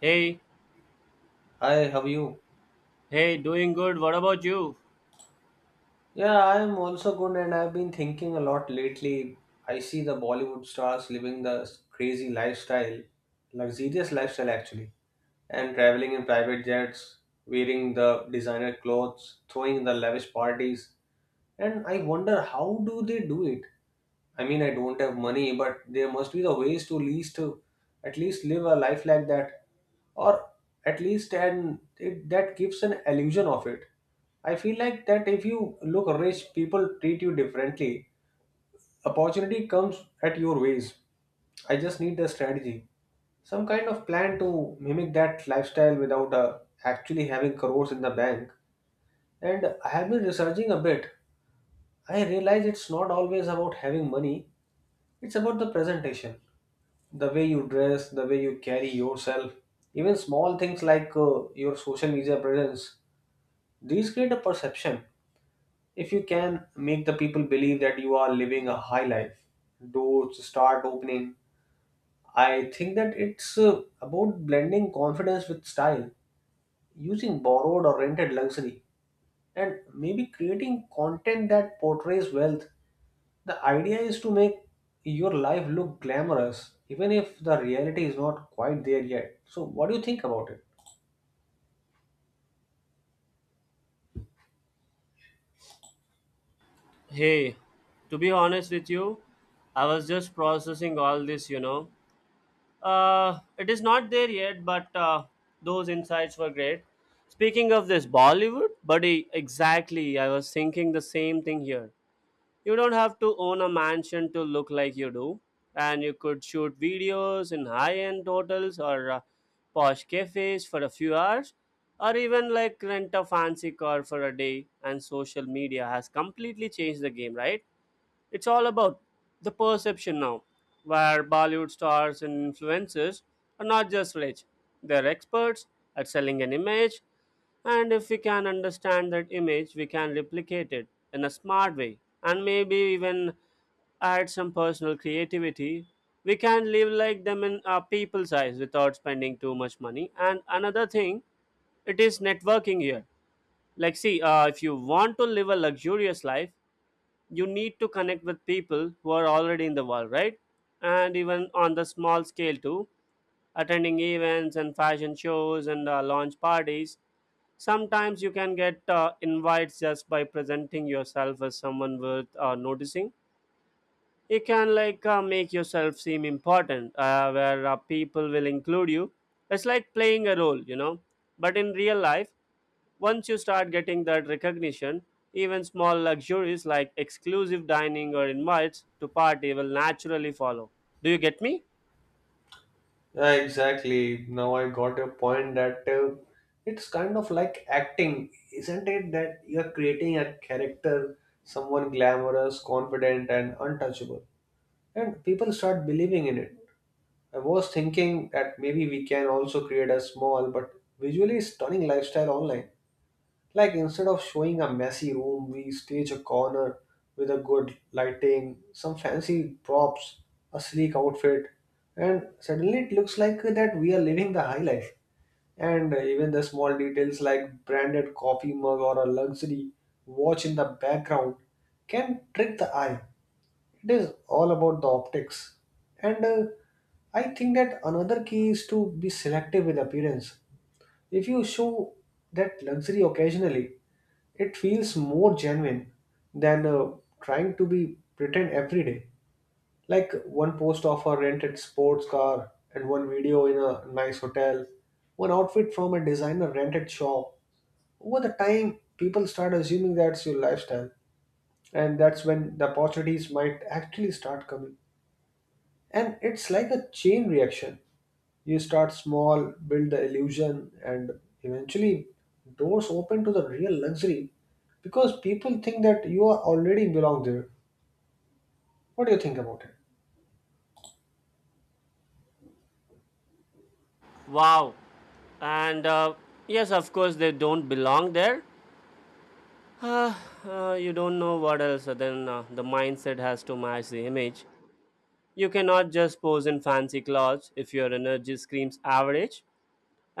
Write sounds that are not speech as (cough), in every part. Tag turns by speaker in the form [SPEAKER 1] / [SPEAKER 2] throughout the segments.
[SPEAKER 1] Hey,
[SPEAKER 2] Hi, how are you?
[SPEAKER 1] hey, doing good. What about you?
[SPEAKER 2] Yeah, I'm also good, and I've been thinking a lot lately. I see the Bollywood stars living the crazy lifestyle, luxurious lifestyle actually, and traveling in private jets, wearing the designer clothes, throwing the lavish parties. And I wonder how do they do it? I mean, I don't have money, but there must be the ways to least to at least live a life like that, or at least and it, that gives an illusion of it. I feel like that if you look rich, people treat you differently. Opportunity comes at your ways. I just need the strategy, some kind of plan to mimic that lifestyle without actually having crores in the bank. And I have been researching a bit. I realize it's not always about having money, it's about the presentation, the way you dress, the way you carry yourself, even small things like your social media presence. These create a perception. If you can make the people believe that you are living a high life, doors start opening. I think that it's about blending confidence with style, using borrowed or rented luxury and maybe creating content that portrays wealth. The idea is to make your life look glamorous, even if the reality is not quite there yet. So, what do you think about it?
[SPEAKER 1] Hey, to be honest with you, I was just processing all this. It is not there yet, but those insights were great. Speaking of this Bollywood, buddy, exactly. I was thinking the same thing here. You don't have to own a mansion to look like you do, and you could shoot videos in high end hotels or posh cafes for a few hours, or even like rent a fancy car for a day. And social media has completely changed the game, right? It's all about the perception now, where Bollywood stars and influencers are not just rich, they're experts at selling an image, and if we can understand that image, we can replicate it in a smart way and maybe even add some personal creativity. We can live like them in our people's eyes without spending too much money. And another thing, it is networking here. Like, see, if you want to live a luxurious life, you need to connect with people who are already in the world, right? And even on the small scale too, attending events and fashion shows and launch parties. Sometimes you can get invites just by presenting yourself as someone worth noticing. You can make yourself seem important, where people will include you. It's like playing a role, you know, but in real life, once you start getting that recognition, even small luxuries like exclusive dining or invites to party will naturally follow. Do you get me?
[SPEAKER 2] Yeah, exactly. Now I got your point that it's kind of like acting, isn't it? That you're creating a character, someone glamorous, confident, and untouchable, and people start believing in it. I was thinking that maybe we can also create a small but visually stunning lifestyle online. Like instead of showing a messy room, we stage a corner with a good lighting, some fancy props, a sleek outfit, and suddenly it looks like that we are living the high life. And even the small details like branded coffee mug or a luxury watch in the background can trick the eye. It is all about the optics, and I think that another key is to be selective with appearance. If you show that luxury occasionally, it feels more genuine than trying to be pretend every day, like one post of a rented sports car and one video in a nice hotel, one outfit from a designer rented shop. Over the time people start assuming that's your lifestyle, and that's when the opportunities might actually start coming. And it's like a chain reaction. You start small, build the illusion, and eventually doors open to the real luxury because people think that you are already belong there. What do you think about it?
[SPEAKER 1] Wow, and yes, of course they don't belong there. You don't know what else, the mindset has to match the image. You cannot just pose in fancy clothes if your energy screams average.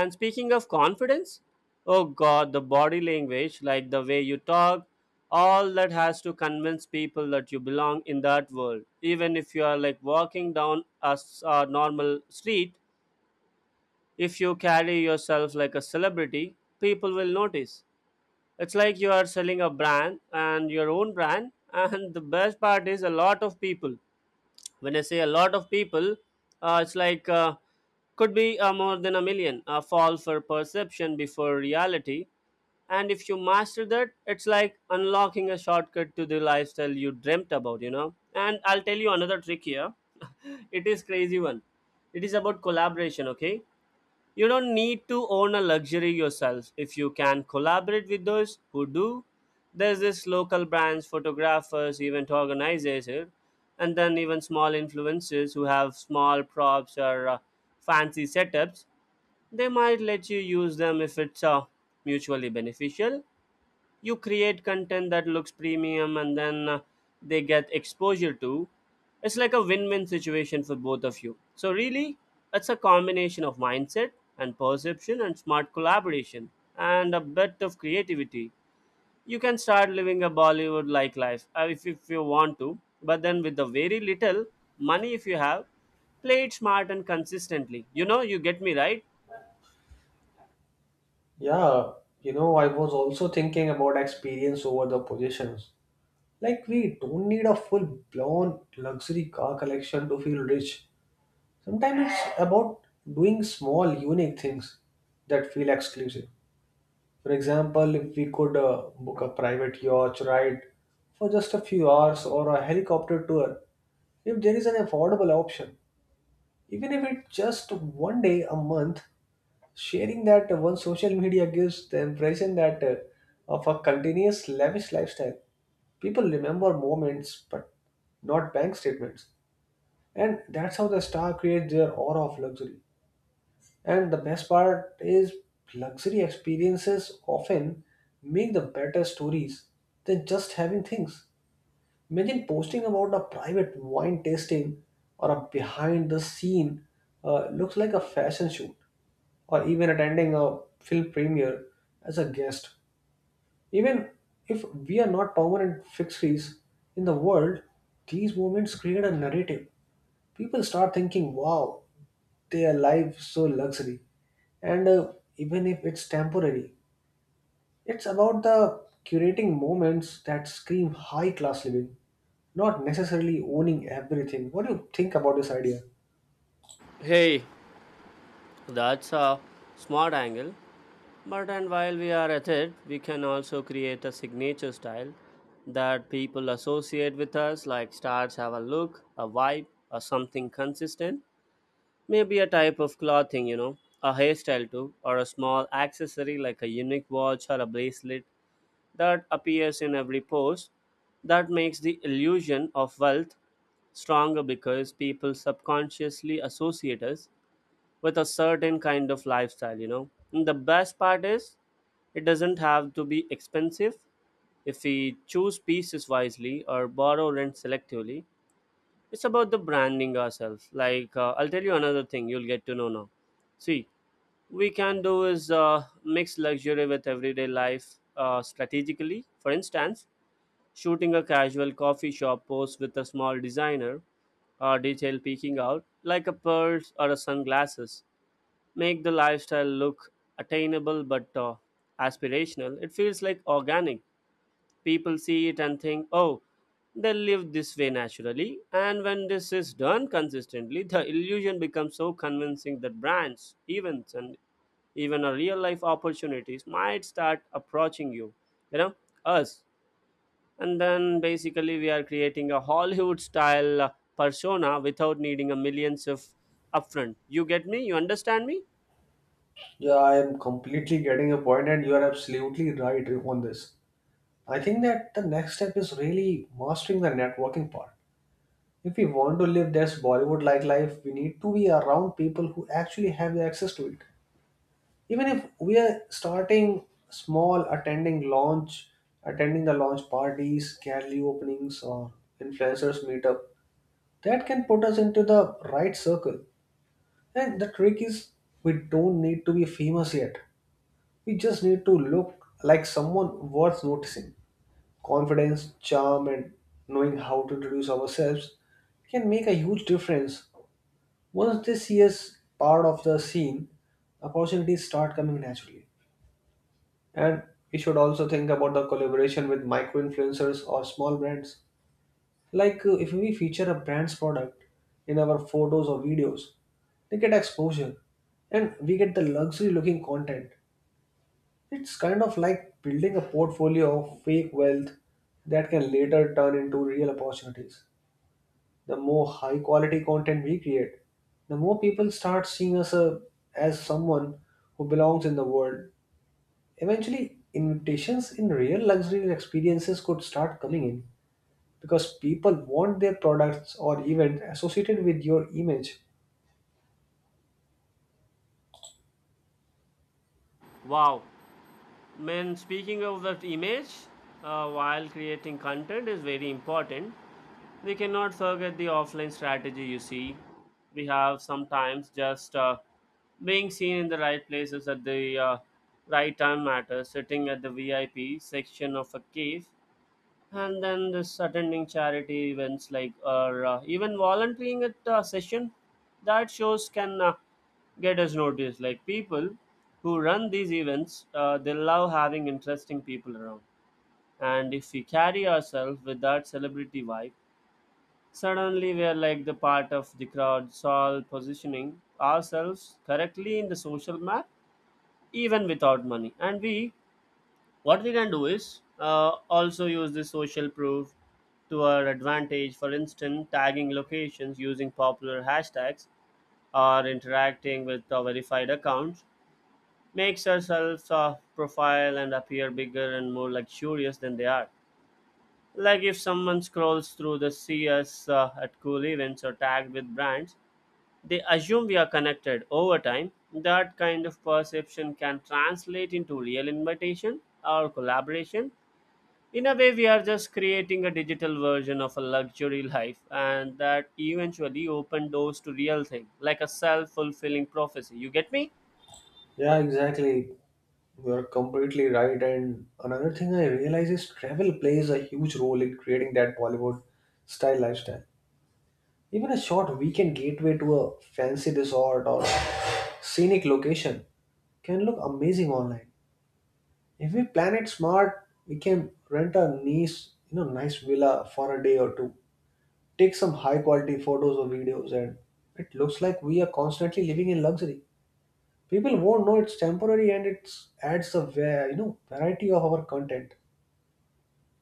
[SPEAKER 1] And speaking of confidence, oh god, the body language, like the way you talk, all that has to convince people that you belong in that world. Even if you are like walking down a normal street, if you carry yourself like a celebrity, people will notice. It's like you are selling a brand and your own brand. (laughs) And the best part is a lot of people. When I say a lot of people, it's like could be more than a million. Fall for perception before reality. And if you master that, it's like unlocking a shortcut to the lifestyle you dreamt about, you know. And I'll tell you another trick here. (laughs) It is crazy one. It is about collaboration, okay? You don't need to own a luxury yourself. If you can collaborate with those who do, there's this local brands, photographers, event organizers, and then even small influencers who have small props or fancy setups. They might let you use them if it's mutually beneficial. You create content that looks premium, and then they get exposure to. It's like a win-win situation for both of you. So really, it's a combination of mindset and perception and smart collaboration and a bit of creativity. You can start living a Bollywood like life, if you want to, but then with the very little money, if you have, play it smart and consistently, you know. You get me, right?
[SPEAKER 2] Yeah, you know, I was also thinking about experience over the positions. Like, we don't need a full blown luxury car collection to feel rich. Sometimes it's about doing small, unique things that feel exclusive. For example, if we could book a private yacht ride for just a few hours or a helicopter tour, if there is an affordable option, even if it's just one day a month, sharing that one social media gives the impression that of a continuous lavish lifestyle. People remember moments but not bank statements. And that's how the star creates their aura of luxury. And the best part is, luxury experiences often make the better stories than just having things. Imagine posting about a private wine tasting or a behind the scene looks like a fashion shoot, or even attending a film premiere as a guest. Even if we are not permanent fixes in the world, these moments create a narrative. People start thinking, wow, their life so luxury, and even if it's temporary, it's about the curating moments that scream high class living, not necessarily owning everything. What do you think about this idea?
[SPEAKER 1] Hey, that's a smart angle. But and while we are at it, we can also create a signature style that people associate with us, like stars have a look, a vibe, or something consistent. Maybe a type of clothing, you know, a hairstyle too, or a small accessory like a unique watch or a bracelet that appears in every pose. That makes the illusion of wealth stronger because people subconsciously associate us with a certain kind of lifestyle, you know. And the best part is it doesn't have to be expensive if we choose pieces wisely or borrow rent selectively. It's about the branding ourselves. Like, I'll tell you another thing, you'll get to know now. See, we can do is mix luxury with everyday life strategically. For instance, shooting a casual coffee shop post with a small designer or detail peeking out, like a purse or a sunglasses, make the lifestyle look attainable but aspirational. It feels like organic. People see it and think, oh, they live this way naturally. And when this is done consistently, the illusion becomes so convincing that brands, events, and even a real life opportunities might start approaching you, you know, us. And then basically, we are creating a Hollywood style persona without needing a millions of upfront. You get me? You understand me?
[SPEAKER 2] Yeah, I am completely getting your point, and you are absolutely right on this. I think that the next step is really mastering the networking part. If we want to live this Bollywood like life, we need to be around people who actually have the access to it, even if we are starting small. Attending the launch parties, gallery openings, or influencers meetup, that can put us into the right circle. And the trick is, we don't need to be famous yet, we just need to look like someone worth noticing. Confidence, charm, and knowing how to introduce ourselves can make a huge difference. Once they see us part of the scene, opportunities start coming naturally. And we should also think about the collaboration with micro influencers or small brands. Like if we feature a brand's product in our photos or videos, they get exposure and we get the luxury looking content. It's kind of like building a portfolio of fake wealth that can later turn into real opportunities. The more high quality content we create, the more people start seeing us as someone who belongs in the world. Eventually, invitations in real luxury experiences could start coming in because people want their products or event associated with your image.
[SPEAKER 1] Wow. When speaking of that image, while creating content is very important, we cannot forget the offline strategy. You see, we have sometimes just being seen in the right places at the right time matters. Sitting at the VIP section of a cave, and then this attending charity events, like, or even volunteering at a session, that shows can get us noticed. Like, people who run these events, they love having interesting people around. And if we carry ourselves with that celebrity vibe, suddenly we are like the part of the crowd. So all positioning ourselves correctly in the social map, even without money. And we, what they can do is also use this social proof to our advantage. For instance, tagging locations, using popular hashtags, or interacting with verified accounts, makes ourselves profile and appear bigger and more luxurious than they are. Like, if someone scrolls through, the see us at cool events or tagged with brands, they assume we are connected. Over time, that kind of perception can translate into real invitation or collaboration. In a way, we are just creating a digital version of a luxury life, and that eventually open doors to real thing, like a self-fulfilling prophecy. You get me?
[SPEAKER 2] Yeah, exactly. You're completely right. And another thing I realize is travel plays a huge role in creating that Bollywood style lifestyle. Even a short weekend gateway to a fancy resort or scenic location can look amazing online. If we plan it smart, we can rent a nice, you know, nice villa for a day or two, take some high quality photos or videos, and it looks like we are constantly living in luxury. People won't know it's temporary, and it adds a you know variety of our content.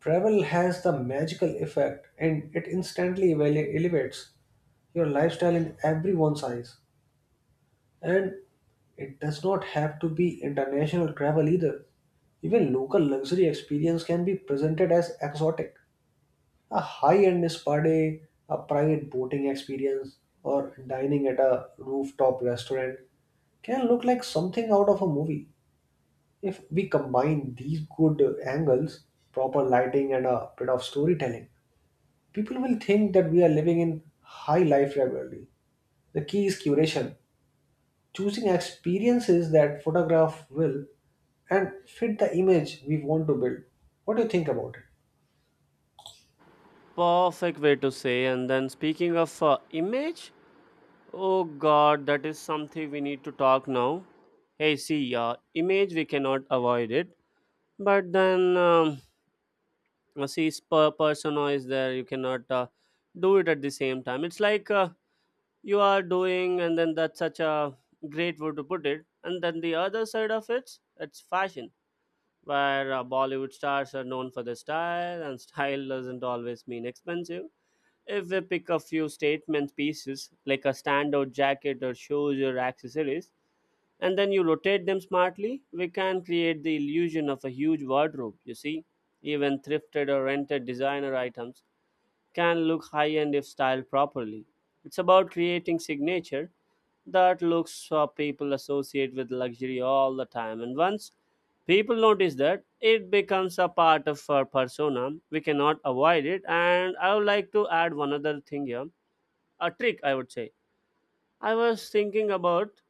[SPEAKER 2] Travel has the magical effect, and it instantly elevates your lifestyle in everyone's eyes. And it does not have to be international travel either. Even local luxury experience can be presented as exotic. A high-end spa day, a private boating experience, or dining at a rooftop restaurant can look like something out of a movie. If we combine these good angles, proper lighting, and a bit of storytelling, people will think that we are living in high life regularly. The key is curation, choosing experiences that photograph will and fit the image we want to build. What do you think about it?
[SPEAKER 1] Perfect way to say. And then speaking of image, oh god, that is something we need to talk now. Hey, see, image we cannot avoid it. But then see persona is there. You cannot do it at the same time. It's like you are doing, and then that's such a great way to put it. And then the other side of it, it's fashion, where Bollywood stars are known for their style, and (laughs) style doesn't always mean expensive. If we pick a few statement pieces like a standout jacket or shoes or accessories, and then you rotate them smartly, we can create the illusion of a huge wardrobe, you see. Even thrifted or rented designer items can look high end if styled properly. It's about creating signature that looks, people associate with luxury all the time. And once people notice that, it becomes a part of our persona. We cannot avoid it. And I would like to add one other thing here, a trick, I would say. I was thinking about,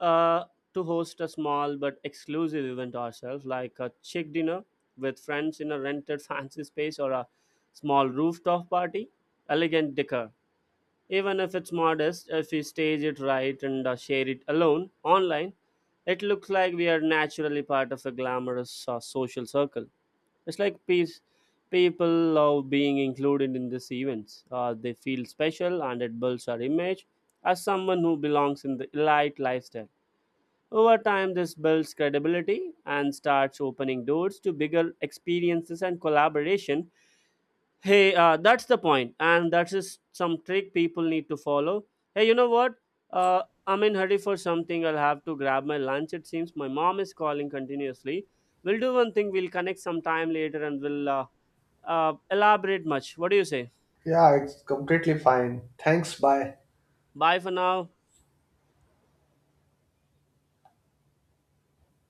[SPEAKER 1] uh, to host a small but exclusive event ourselves, like a chick dinner with friends in a rented (laughs) fancy space or a small rooftop party. Elegant decor, even if it's modest, if we stage it right and share it alone online, it looks like we are naturally part of a glamorous social circle. It's like peace. People love being included in these events. They feel special, and it builds our image as someone who belongs in the elite lifestyle. Over time, this builds credibility and starts opening doors to bigger experiences and collaboration. Hey, that's the point, and that's some trick people need to follow. Hey, you know what? I'm in hurry for something. I'll have to grab my lunch. It seems my mom is calling continuously. We'll do one thing. We'll connect sometime later, and we'll elaborate much. What do you say?
[SPEAKER 2] Yeah, it's completely fine. Thanks, bye.
[SPEAKER 1] Bye for now.